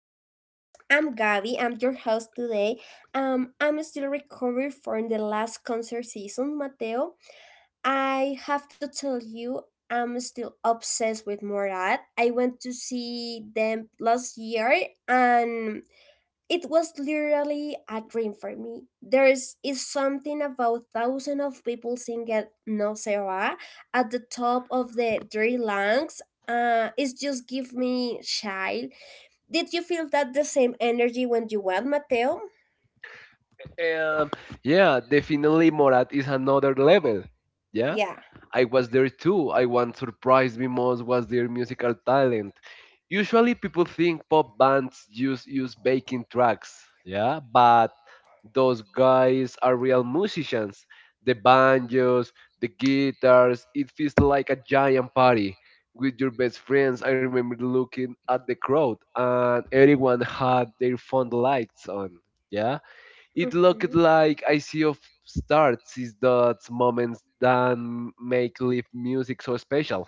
Row Vibes. I'm Gabby. I'm your host today. I'm still recovering from the last concert season, Mateo. I have to tell you, I'm still obsessed with Morat. I went to see them last year, and it was literally a dream for me. There is something about thousands of people singing No Se Va at the top of the three lungs. It just give me chill. Did you feel that the same energy when you went, Mateo? Um, yeah, definitely Morat is another level. Yeah, Yeah. I was there too. I want surprised me most was their musical talent. Usually people think pop bands use backing tracks. Yeah, but those guys are real musicians. The banjos, the guitars, it feels like a giant party with your best friends. I remember looking at the crowd and everyone had their phone lights on. Yeah. It looked Mhm. like I see of starts is those moments that make live music so special.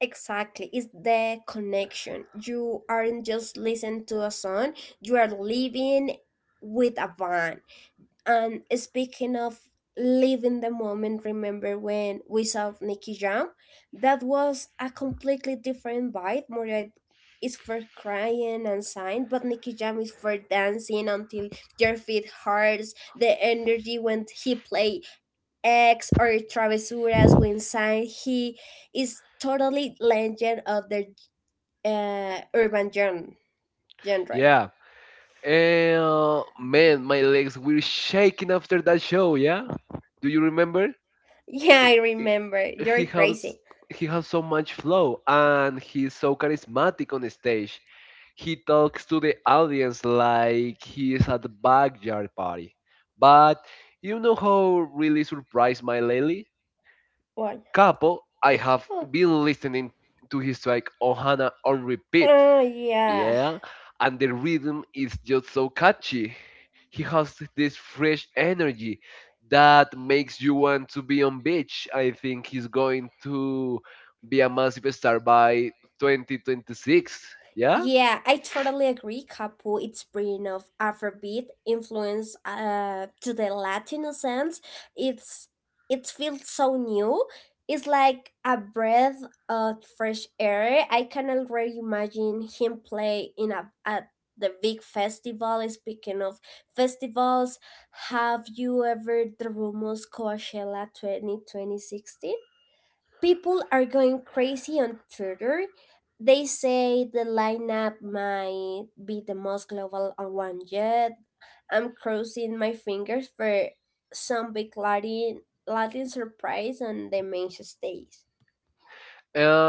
Exactly, it's the connection. You aren't just listening to a song, you are living with a band. And speaking of live in the moment, remember when we saw Nicky Jam? That was a completely different vibe. Moria is for crying and sighing, but Nicky Jam is for dancing until your feet hurts. The energy when he play X or Travesuras when sang, he is totally legend of the uh, urban gen- genre. Yeah. And man, my legs were shaking after that show. Yeah. Do you remember? Yeah, I- I I- remember. He You're has crazy. he has so much flow and he's so charismatic on stage. He talks to the audience like he is at the backyard party. But you know how really surprised my lady? What? Capo, I have been listening to his track Ohana on repeat. Oh yeah. Yeah, and the rhythm is just so catchy. He has this fresh energy that makes you want to be on beach. I think he's going to be a massive star by 2026. Yeah. Yeah, I totally agree. Capo, its brand of Afrobeat influence to the Latino sense. It's it feels so new. It's like a breath of fresh air. I can already imagine him play in a at the big festival. Speaking of festivals, have you ever the rumors Coachella 2026? People are going crazy on Twitter. They say the lineup might be the most global one yet. I'm crossing my fingers for some big Latin surprise on the main stage. Uh,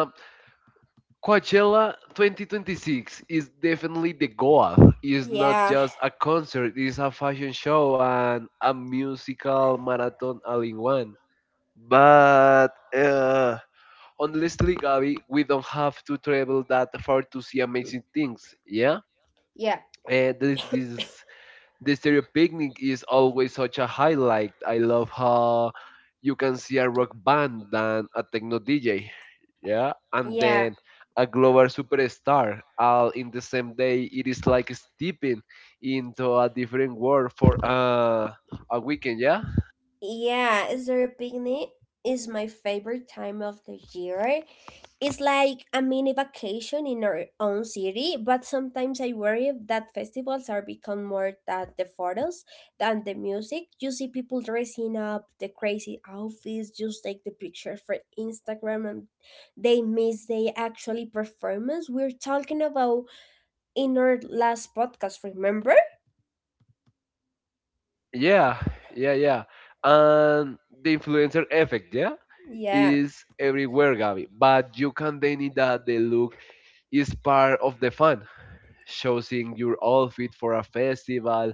Coachella 2026 is definitely the goal. It's not Yeah, just a concert, it's a fashion show and a musical marathon all in one. But uh, honestly, Gabi, we don't have to travel that far to see amazing things, yeah? yeah, This the stereo picnic is always such a highlight. I love how you can see a rock band than a techno DJ, yeah, and yeah, then a global superstar all in the same day. It is like stepping into a different world for a weekend, yeah, yeah. Is there a picnic? Is my favorite time of the year. It's like a mini vacation in our own city, but sometimes I worry that festivals are become more than the photos than the music. You see people dressing up, the crazy outfits, just take the picture for Instagram and they miss the actually performance we're talking about in our last podcast, remember? yeah, yeah, yeah, and the influencer effect, yeah. Yeah, Is everywhere, Gabby, but you can deny that the look is part of the fun. Choosing your outfit for a festival.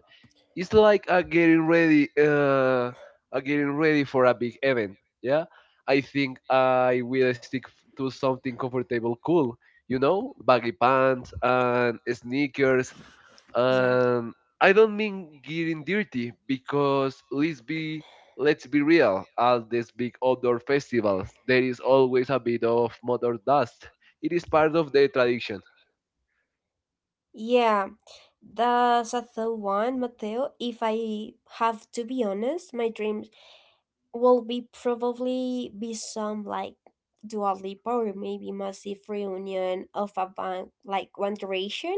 It's like a getting ready for a big event. Yeah, I think I will to something comfortable, cool. You know, baggy pants and sneakers, yeah. and I don't mean getting dirty because let's be real. At these big outdoor festivals, there is always a bit of motor dust. It is part of the tradition. Yeah, that's a third one, Mateo. If I have to be honest, my dream will be probably be some like Dua Lipa or maybe massive reunion of a band like One Direction.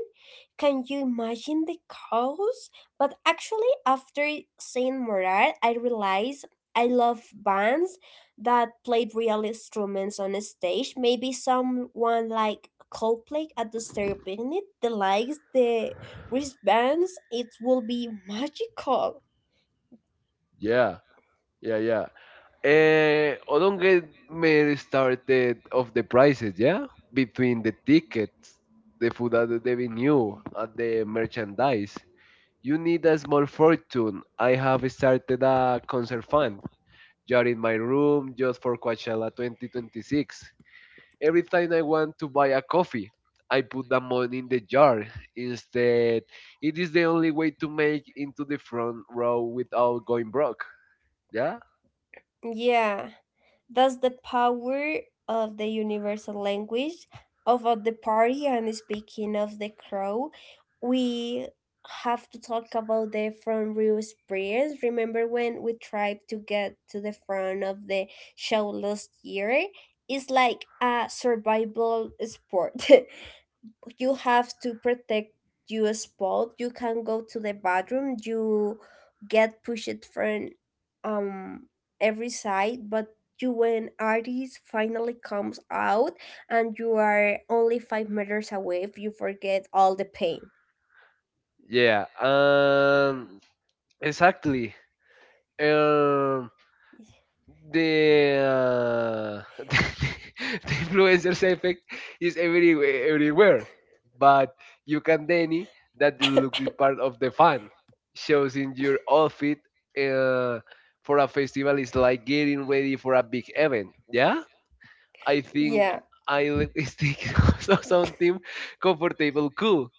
Can you imagine the chaos? But actually, after seeing Morat, I realized I love bands that played real instruments on a stage. Maybe someone like Coldplay at the stereo picnic, the likes. The wristbands, it will be magical. Yeah, yeah, yeah. Oh, don't get me started of the prices, yeah? Between the tickets, the food at the venue, and the merchandise. You need a small fortune. I have started a concert fund. Jar in my room just for Coachella 2026. Every time I want to buy a coffee, I put the money in the jar. Instead, it is the only way to make into the front row without going broke. Yeah? Yeah. That's the power of the universal language of all the party. And speaking of the crow, we have to talk about the front row experience. Remember when we tried to get to the front of the show last year? It's like a survival sport. You have to protect your spot, you can go to the bathroom, you get pushed from um every side, but you when artist finally comes out and you are only 5 meters away, if you forget all the pain. Yeah, and exactly. Um, the the influencer's effect is everywhere, everywhere, but you can deny that the look is part of the fun. Shows in your outfit uh, for a festival is like getting ready for a big event. Yeah, I think Yeah. I stick so something comfortable, cool,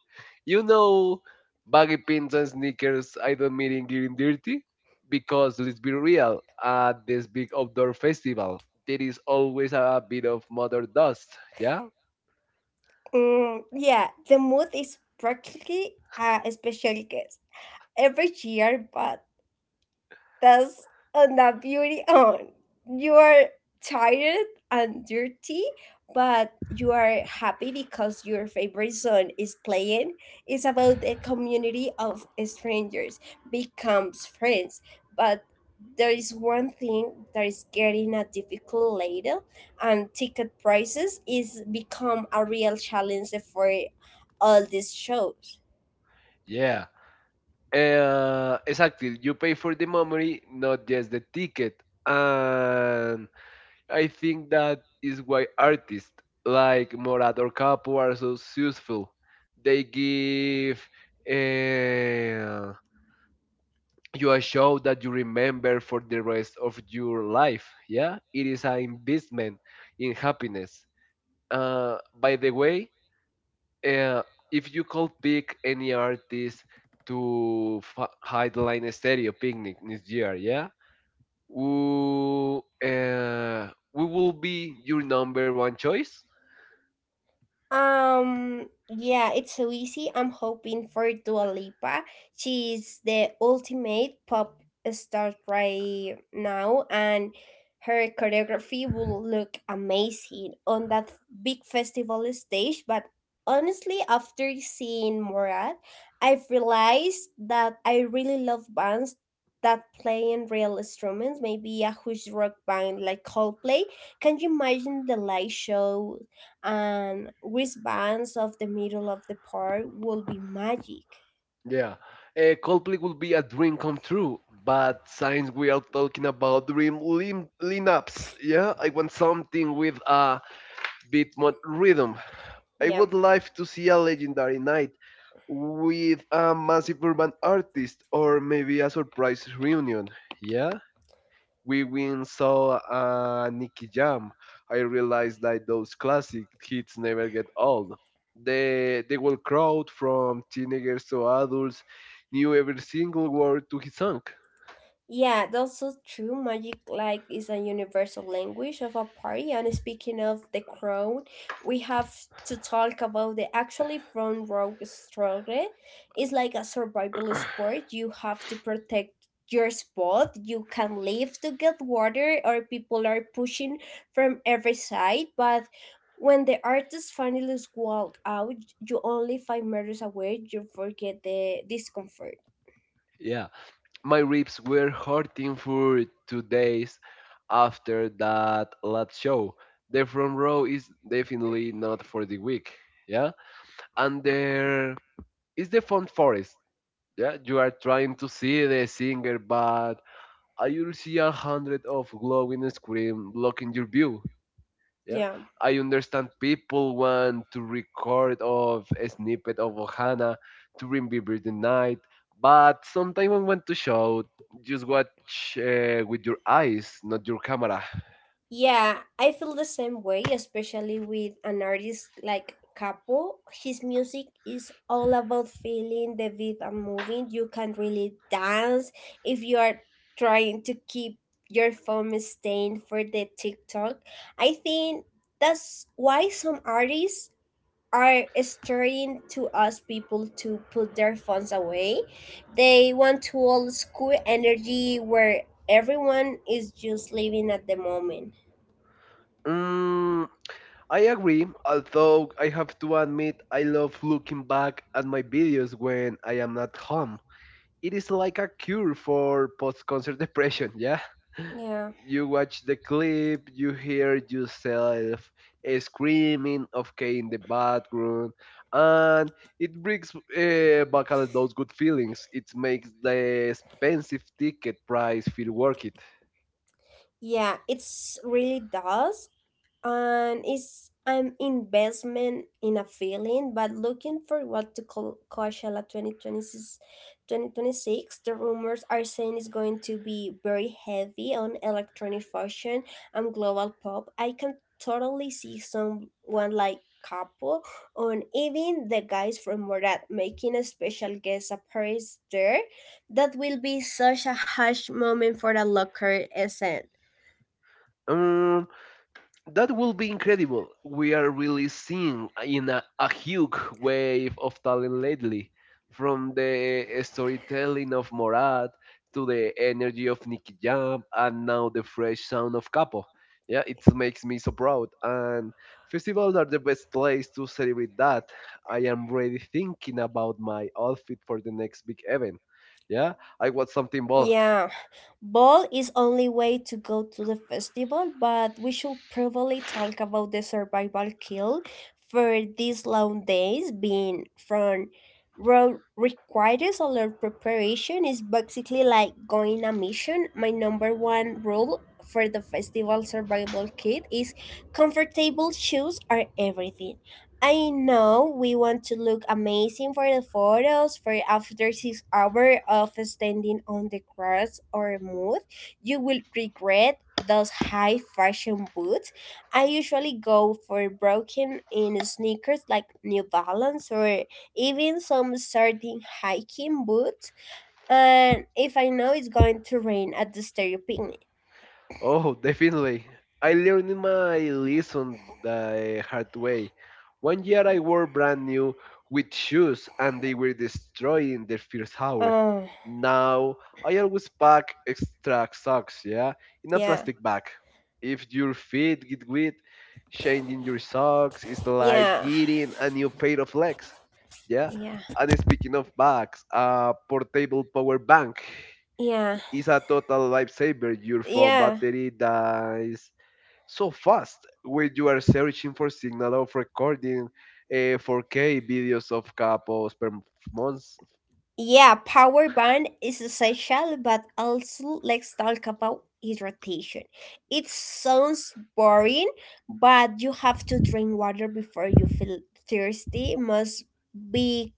you know, baggy pants and sneakers. I don't mean in getting dirty because let's be real, at this big outdoor festival, there is always a bit of mother dust. Yeah, Mm, yeah, the mood is practically a special guest every year, but that's on the beauty. On. You are tired and dirty, but you are happy because your favorite song is playing. It's about a community of strangers becomes friends, but there is one thing that is getting a difficult later, and ticket prices is become a real challenge for all these shows. yeah, exactly. You pay for the memory, not just the ticket. And I think that is why artists like Morad or Capo are so successful. They give. Uh, you are show that you remember for the rest of your life. Yeah, it is an investment in happiness. By the way, uh, if you could pick any artist to headline stereo picnic this year, yeah, who we will be your number one choice. Yeah, it's so easy. I'm hoping for Dua Lipa. She's the ultimate pop star right now, and her choreography will look amazing on that big festival stage. But honestly, after seeing Morad, I've realized that I really love bands that play in real instruments, maybe a huge rock band like Coldplay. Can you imagine the live show and wristbands of the middle of the park will be magic. Yeah. Coldplay will be a dream come true, but since we are talking about lineups, yeah, I want something with a beatmap rhythm. I Yeah. would like to see a legendary night with a massive urban artist or maybe a surprise reunion. Yeah? We went saw Nicky Jam. I realized that those classic hits never get old. The whole crowd from teenagers to adults knew every single word to his song. Yeah, that's so true. Magic like is a universal language of a party. And speaking of the crown, we have to talk about the actually front row struggle. It's like a survival sport. You have to protect your spot. You can leave to get water, or people are pushing from every side. But when the artist finally walk out, you only 5 meters away. You forget the discomfort. Yeah. My ribs were hurting for 2 days after that last show. The front row is definitely not for the weak. Yeah. And there is the fun forest. Yeah. You are trying to see the singer, but I will see a hundred of glowing scream blocking your view, yeah. Yeah. I understand people want to record of a snippet of Ohana to remember the night, but sometimes I want to show just watch with your eyes not your camera. Yeah, I feel the same way, especially with an artist like Capo. His music is all about feeling the beat and moving. You can really dance if you are trying to keep your phone stained for the TikTok. I think that's why some artists are starting to ask people to put their phones away. They want to old school energy where everyone is just living at the moment. mm, I agree, although I have to admit I love looking back at my videos when I am not home. It is like a cure for post-concert depression. Yeah, Yeah. you watch the clip, you hear yourself screaming, okay, in the background, and it brings back all those good feelings. It makes the expensive ticket price feel worth it. Yeah, it's really does. And it's an investment in a feeling, but looking for what to call Coachella 2026, 2026, the rumors are saying it's going to be very heavy on electronic fusion and global pop. I can totally see someone like Capo or even the guys from Morat making a special guest appearance there. That will be such a hush moment for the local scene. Um, that will be incredible. We are really seeing in a huge wave of talent lately, from the storytelling of Morad to the energy of Nicky Jam and now the fresh sound of Capo. Yeah, it makes me so proud. And festivals are the best place to celebrate that. I am really thinking about my outfit for the next big event. Yeah, I want something bold. Yeah. Ball is only way to go to the festival, but we should probably talk about the survival kill for these long days being from road requires a lot of preparation is basically like going a mission. My number one rule for the festival survival kit is comfortable shoes are everything. I know we want to look amazing for the photos for after 6 hours of standing on the grass or mud. You will regret those high fashion boots. I usually go for broken in sneakers like New Balance or even some certain hiking boots. And if I know it's going to rain at the stereo picnic. Oh, definitely. I learned my lesson the hard way. One year I wore brand new with shoes and they were destroyed in the first hour. Oh, Now I always pack extra socks, yeah, in a yeah, plastic bag. If your feet get wet, changing your socks is like yeah, getting a new pair of legs, yeah. yeah, And speaking of bags, a portable power bank yeah, is a total lifesaver. Your phone yeah. battery dies so fast when you are searching for signal of recording 4K videos of couples per month. Yeah, power band is essential, but also let's talk about hydration. It sounds boring, but you have to drink water before you feel thirsty. Most big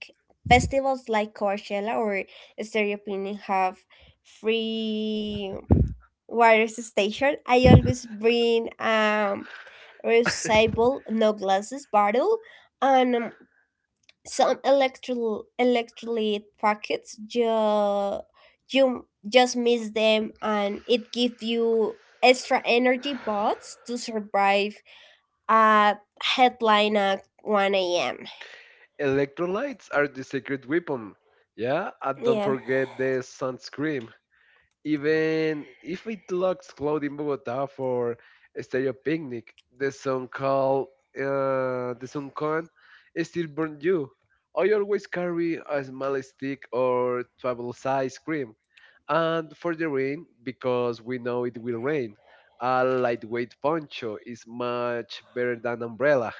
festivals like Coachella or Stereo Picnic have free water station. I always bring reusable no glasses bottle and some electrolyte packets you just miss them and it gives you extra energy bots to survive a headline at 1 a.m. Electrolytes are the secret weapon. Yeah, and don't Yeah, forget the sunscreen. Even if it looks cloudy in Bogota for a stereo picnic, the sun call the sun con is still burn you. I always carry a small stick or travel size cream. And for the rain, because we know it will rain, a lightweight poncho is much better than umbrella.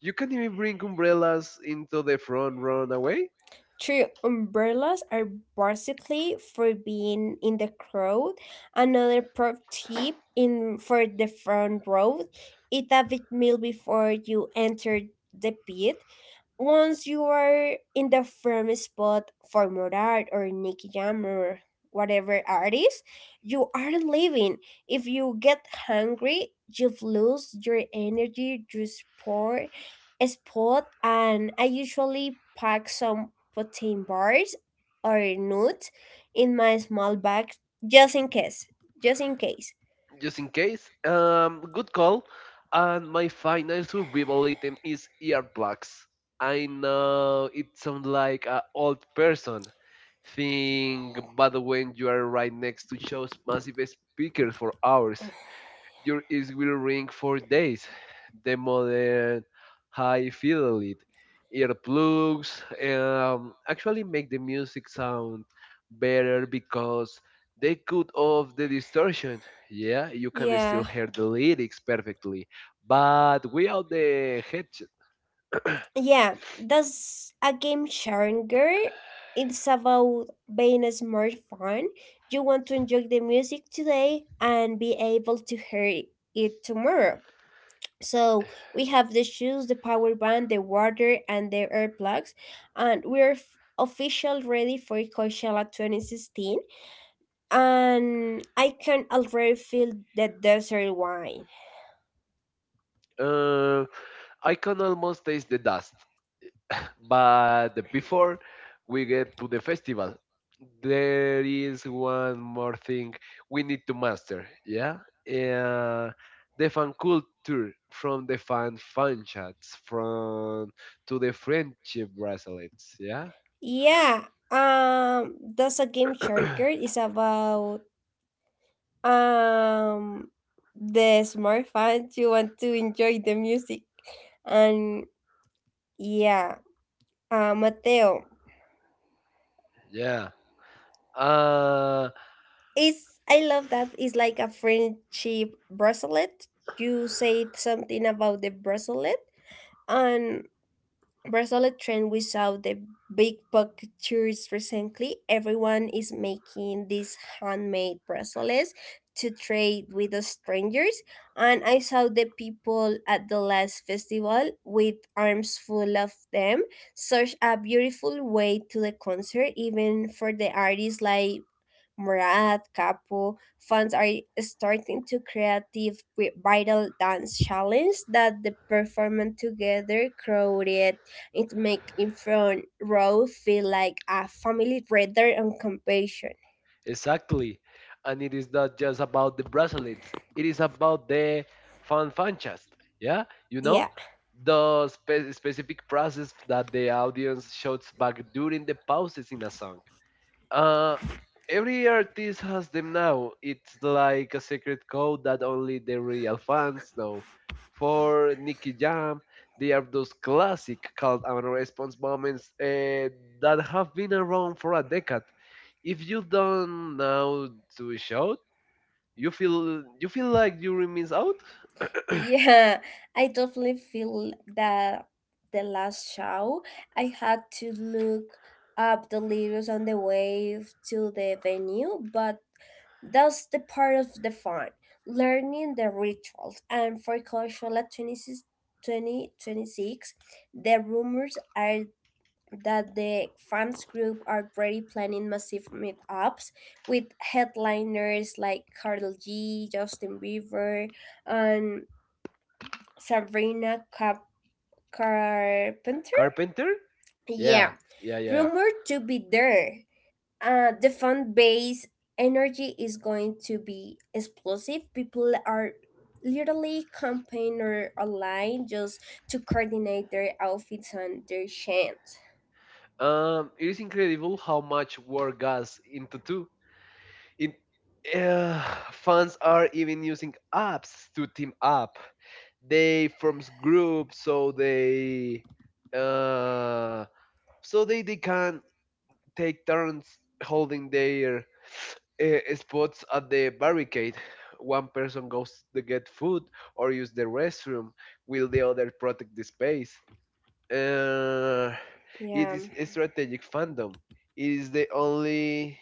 You can even bring umbrellas into the front run away. true, umbrellas are basically for being in the crowd. Another pro tip in for the front row, eat a big meal before you enter the pit. Once you are in the firm spot for Morat or Nicky Jam or whatever artist, you are leaving. If you get hungry, you've lost your energy, your spot, and I usually pack some protein bars or nuts in my small bag just in case. Just in case. Just in case. Good call. And my final survival item is earplugs. I know it sounds like an old person thing, but when you are right next to shows massive speakers for hours, your ears will ring for days. The modern high fidelity earplugs actually make the music sound better because they cut off the distortion. Yeah, you can still Yeah. hear the lyrics perfectly, but without the headset, Yeah, that's a game changer. It's about being a smart fun. You want to enjoy the music today and be able to hear it tomorrow. So we have the shoes, the power band, the water, and the earplugs, and official ready for Coachella 2016. And I can already feel the desert wine. uh, I can almost taste the dust. But before we get to the festival, there is one more thing we need to master. Yeah, uh, the fan culture from the fan chats from to the friendship bracelets. Yeah, Yeah, does a Game Sharker is about um the smart fans, you want to enjoy the music and yeah, Mateo. yeah. Uh, It's I love that it's like a friendship bracelet. You say something about the bracelet and Brazil trend we saw the big pictures recently. Everyone is making these handmade bracelets to trade with the strangers. And I saw the people at the last festival with arms full of them. Such a beautiful way to the concert, even for the artists like Murad, Capo, fans are starting to creative vital dance challenge that the performance together crowded it makes in front row feel like a family rather and compassion. Exactly. And it is not just about the bracelets, it is about the fanfanchas. Yeah, you know, Yeah, the specific process that the audience shouts back during the pauses in a song. Uh, every artist has them now. It's like a secret code that only the real fans know. For Nicky Jam, they are those classic cult and response moments that have been around for a decade. If you don't know to shout, you feel like you remains out. yeah, I definitely feel that the last show I had to look up the lyrics on the way to the venue, but that's the part of the fun. Learning the rituals and for Coachella 20, 2026, the rumors are that the fans group are already planning massive meetups with headliners like Carl G, Justin Bieber, and Sabrina Cap- Carpenter. Carpenter, Yeah, yeah, yeah, yeah. Yeah. rumored to be there. The fan base energy is going to be explosive. People are literally campaigning or online just to coordinate their outfits and their chants. It is incredible how much work goes into two. In uh, Fans are even using apps to team up. They forms groups so they uh, they can take turns holding their spots at the barricade. One person goes to get food or use the restroom, while the other protect the space. Uh, it Yeah. is a strategic fandom. It is the only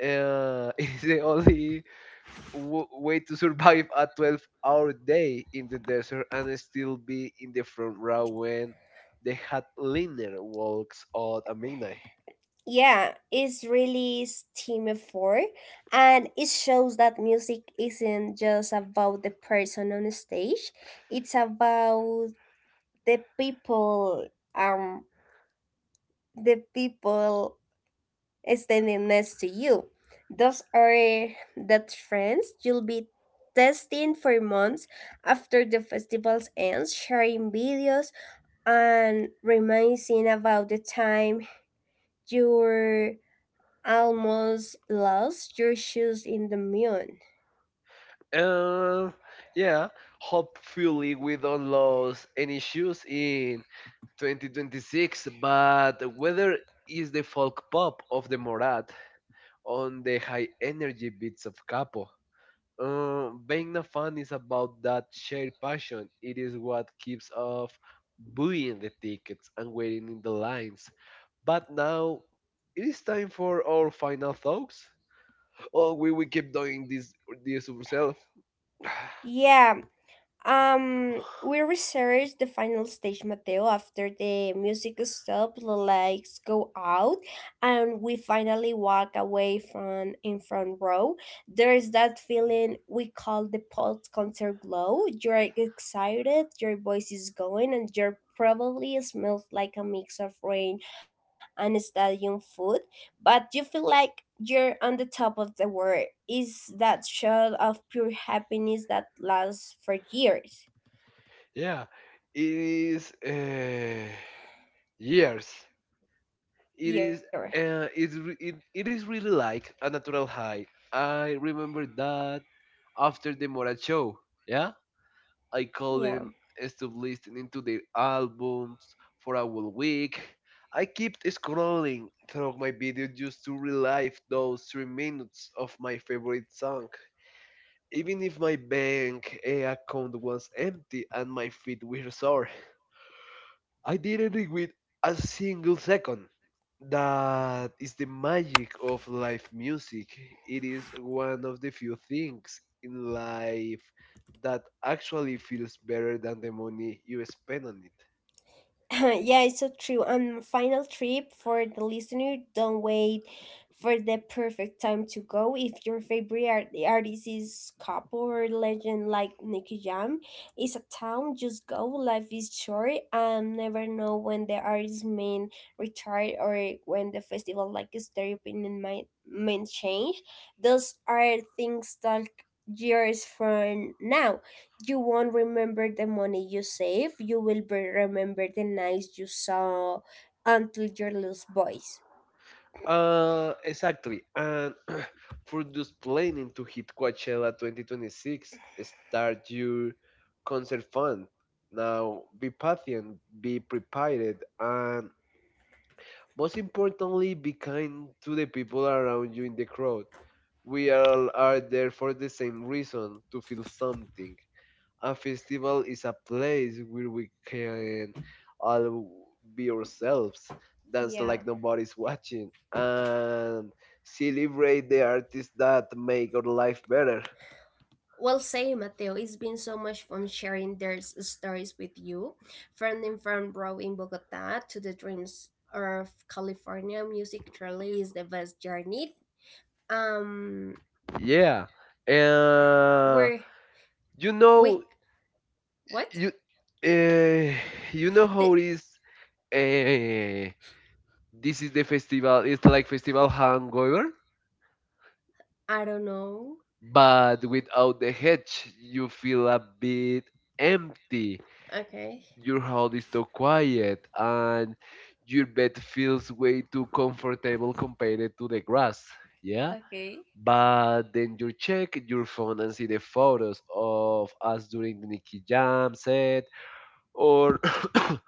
it is the only way to survive a 12-hour day in the desert and still be in the front row when the hardliner walks out at midnight. Yeah, it's really team effort, and it shows that music isn't just about the person on stage. It's about the people, um, the people standing next to you. Those are the friends you'll be testing for months after the festivals ends, sharing videos and reminiscing about the time you almost lost your shoes in the mine. Uh, yeah, hopefully we don't lose any shoes in 2026, but whether is the folk pop of the Morat on the high energy beats of Capo. Being a fan is about that shared passion. It is what keeps us buying the tickets and waiting in the lines. But now it is time for our final thoughts. Oh, we will keep doing this ourselves. Yeah, we researched the final stage, Mateo, after the music stops, the lights go out, and we finally walk away from in front row. There is that feeling we call the post-concert glow. You're excited, your voice is going, and you're probably smells like a mix of rain and stadium food, but you feel like you're on the top of the world. Is that shot of pure happiness that lasts for years. Yeah, it is years. Year. It is it's re- it is really like a natural high. I remember that after the Morat show. Yeah. I Yeah. call them stop listening to their albums for a whole week. I keep scrolling through my video just to relive those 3 minutes of my favorite song, even if my bank account was empty and my feet were sore. I didn't regret a single second. That is the magic of live music. It is one of the few things in life that actually feels better than the money you spend on it. Yeah, it's so true. And final trip for the listener, don't wait for the perfect time to go. If your favorite artist is couple or legend like Nicky Jam, it's a town, just go. Life is short and never know when the artist main retire or when the festival like is their opinion might main change. Those are things that years from now you won't remember the money you save. You will be remember the nights you saw until your lost voice. Exactly. And for those planning to hit Coachella 2026, start your concert fund. Now, be patient, be prepared, and most importantly, be kind to the people around you in the crowd. We all are there for the same reason to feel something. A festival is a place where we can all be ourselves, dance like Yeah. nobody's watching, and celebrate the artists that make our life better. Well, say, Mateo, it's been so much fun sharing their stories with you, from the farm bro in Bogota to the dreams of California. Music truly is the best journey. Um, Yeah. Uh, we're you we know, what? you, uh, you know how The, it is. Uh, this is the festival, it's like festival hangover, I don't know. but without the hedge you feel a bit empty. Okay. Your house is so quiet and your bed feels way too comfortable compared to the grass, yeah, Okay. but then you check your phone and see the photos of us during the Nicky Jam set or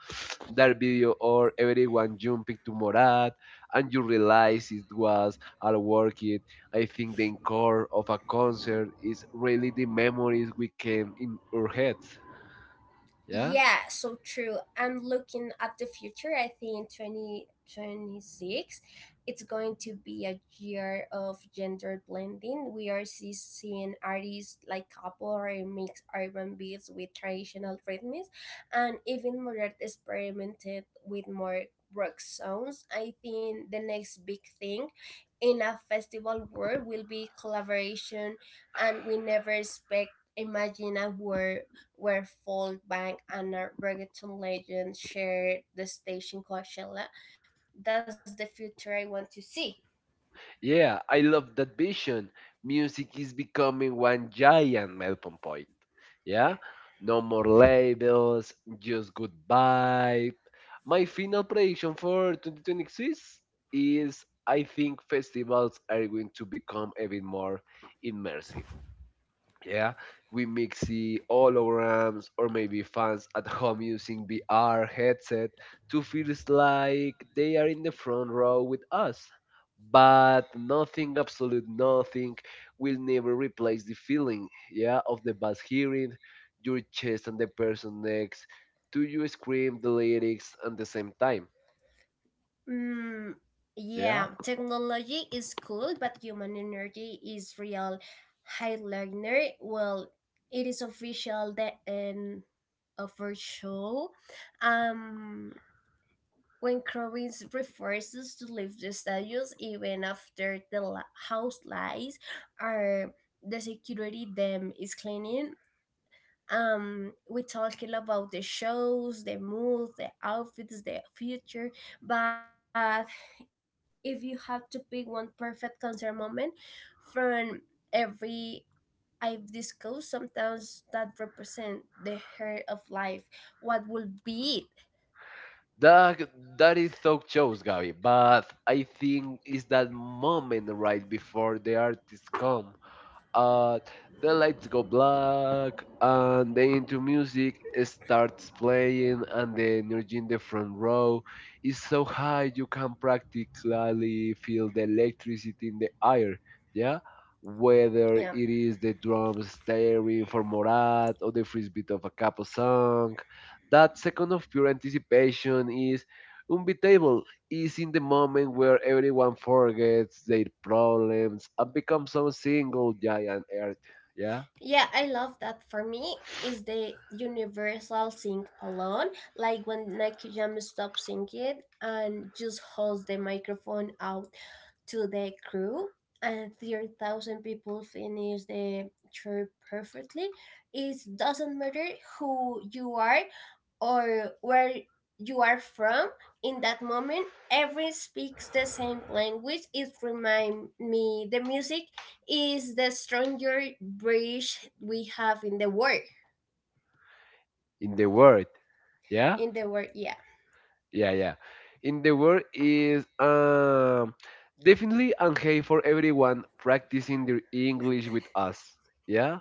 that video or everyone jumping to Morat, and you realize it was all worth it. I think the encore of a concert is really the memories we came in our heads. Yeah. Yeah, so true. I'm looking at the future. I think 2026, it's going to be a year of gender blending. We are seeing artists like couple or mix urban beats with traditional rhythms, and even more experimented with more rock sounds. I think the next big thing in a festival world will be collaboration, and we never expect imagine a world where folk bank and a reggaeton legend share the stage in Coachella. That's the future I want to see. Yeah, I love that vision. Music is becoming one giant melting point. Yeah. Yeah, no more labels, just good vibe. My final prediction for 2026 is I think festivals are going to become even more immersive. Yeah, we mix the holograms or maybe fans at home using VR headset to feel it's like they are in the front row with us. But nothing, absolute nothing, will never replace the feeling, yeah, of the bass hearing your chest and the person next to you scream the lyrics at the same time. Mm, Yeah, yeah, technology is cool, but human energy is real. Highliner, well, it is official the end of our show. Um, When Krovitz refuses to leave the status even after the house lights are the security them is cleaning. We talking about the shows, the mood, the outfits, the future. But if you had to pick one perfect concert moment from every I've discussed, sometimes that represent the heart of life. What would be it? that that is talk shows, Gabby. But I think it's that moment right before the artist come. Uh, the lights go black, and the into music starts playing, and the energy in the front row is so high you can practically feel the electricity in the air. Yeah, Yeah. whether it is the drums staring for Morat or the first beat of a capo song, that second of pure anticipation is unbeatable. Is in the moment where everyone forgets their problems and becomes some single giant earth, yeah, Yeah, I love that. For me, is the universal sing along, like when Nicky Jam stops singing and just holds the microphone out to the crew and 3,000 people finish the trip perfectly. It doesn't matter who you are or where you are from in that moment. Everyone speaks the same language. It reminds me the music is the stronger bridge we have in the world. in the world, yeah, In the world, yeah. yeah, yeah. In the world is definitely okay for everyone practicing their English with us, yeah.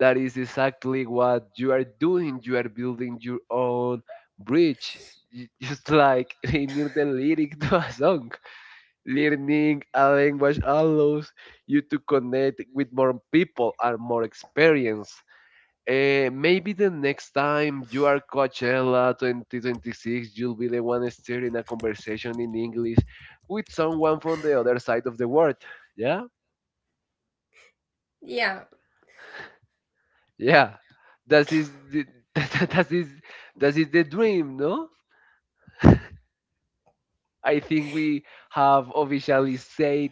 That is exactly what you are doing. You are building your own bridge, just like they need the lyric to a song. Learning a language allows you to connect with more people and more experience. Maybe the next time you are Coachella 2026, you'll be the one steering a conversation in English with someone from the other side of the world. Yeah? Yeah, Yeah. That is that is that is the dream, no? I think we have officially said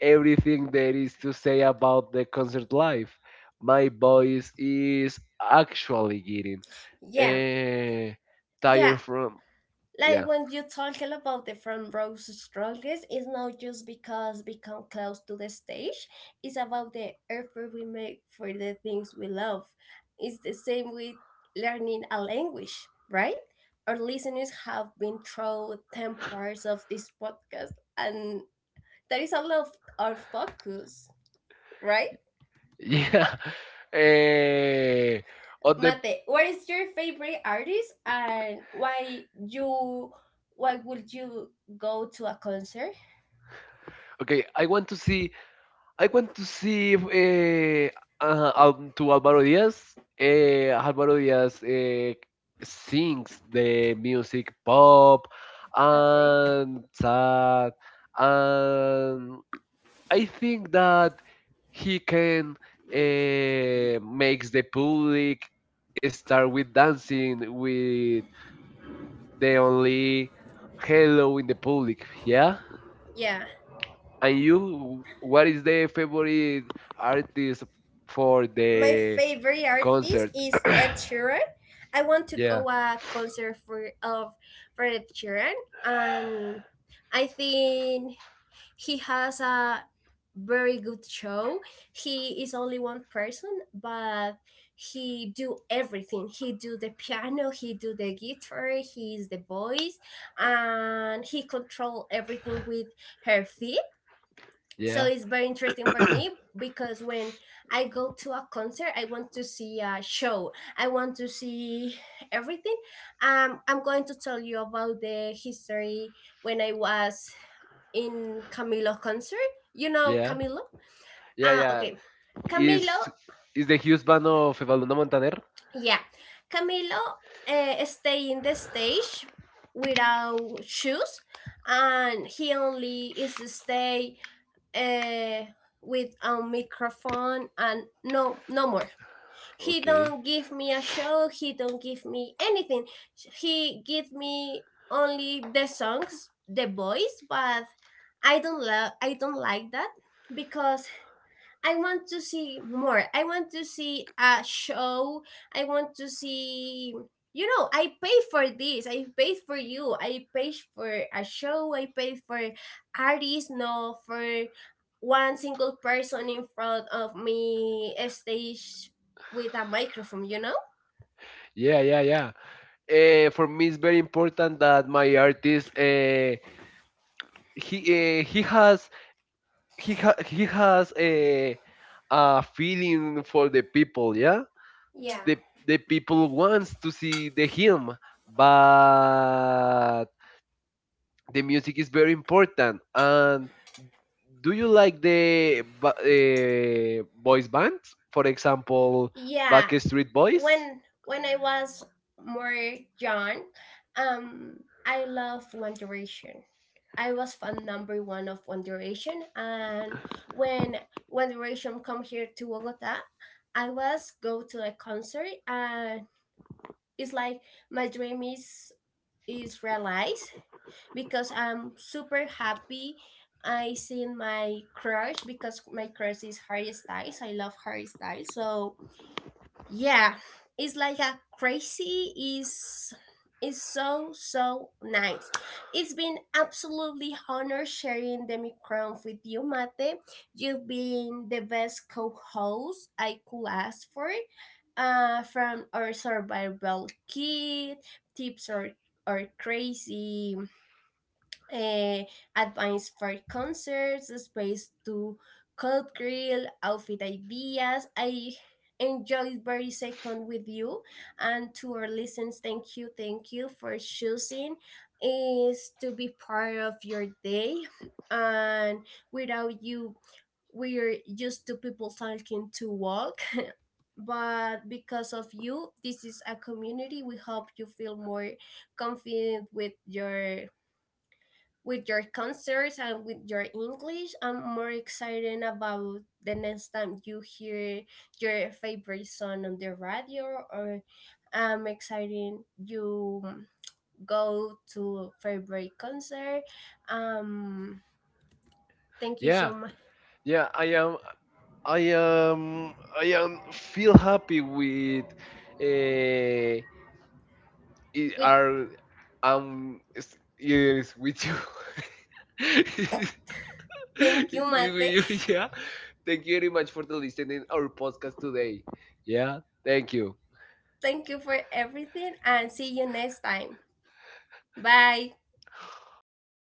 everything there is to say about the concert life. My voice is actually getting yeah, eh, yeah. tired from, Like yeah, when you talking about the front row's strongest, it's not just because we come close to the stage. It's about the effort we make for the things we love. It's the same with learning a language, right? Our listeners have been through 10 parts of this podcast, and that is all of our focus, right? yeah. Eh, on the Mate, what is your favorite artist, and why you why would you go to a concert? Okay, I want to see if, to Alvaro Diaz. Alvaro Diaz, sings the music pop Okay. and sad, and I think that he can uh makes the public start with dancing with the only hello in the public. Yeah. Yeah. And you, what is the favorite artist for My the favorite artist concert? is Ed Sheeran. I want to yeah, go a concert for of for Ed Sheeran, and I think he has a very good show. He is only one person, but he do everything. He do the piano, he do the guitar, he is the voice, and he control everything with her feet, so yeah, it's very interesting for me because when I go to a concert, I want to see a show. I want to see everything. I'm going to tell you about the history when I was in Camilo concert. You know yeah, Camilo? yeah, Ah, yeah. okay. Camilo. Is is the huge band of Evaluna Montaner? Yeah, Camilo, stay in the stage without shoes, and he only is to stay uh, with a microphone and no no more. He Okay. don't give me a show, he don't give me anything. He give me only the songs, the voice, but I don't love I don't like that because I want to see more. I want to see a show. I want to see, you know, I pay for this. I paid for you. I paid for a show. I paid for artists, no for one single person in front of me a stage with a microphone, you know? Yeah, yeah, yeah. For me, it's very important that my artist he has he has a feeling for the people. Yeah, Yeah. the the people wants to see the him, but the music is very important. And do you like the boys bands? For example, Yeah. Backstreet Boys. When I was more young, I love One Direction. I was fan number one of One Direction, and when One Direction come here to Bogota, I was go to a concert, and it's like my dream is realized because I'm super happy. I seen my crush because my crush is Harry Styles. I love Harry Styles, so yeah, it's like a crazy, is is so so nice. It's been absolutely honor sharing the microphone with you, Mate. You've been the best co-host I could ask for. From our survival kit tips or crazy uh, advice for concerts, space to cold grill, outfit ideas. I enjoyed very second with you, and to our listeners, thank you, thank you for choosing is to be part of your day, and without you we're used to people talking to walk, but because of you this is a community. We hope you feel more confident with your concerts and with your English. I'm more excited about the next time you hear your favorite song on the radio, or I'm excited you go to favorite concert. Um, Thank you so Yeah, much. yeah. I am. I am. I am. Feel happy with. Uh, it With are. It's, yes, with you. thank With you, Mate. you, yeah. Thank you very much for the listening our podcast today. Yeah. Thank you. Thank you for everything, and see you next time. Bye. Bye.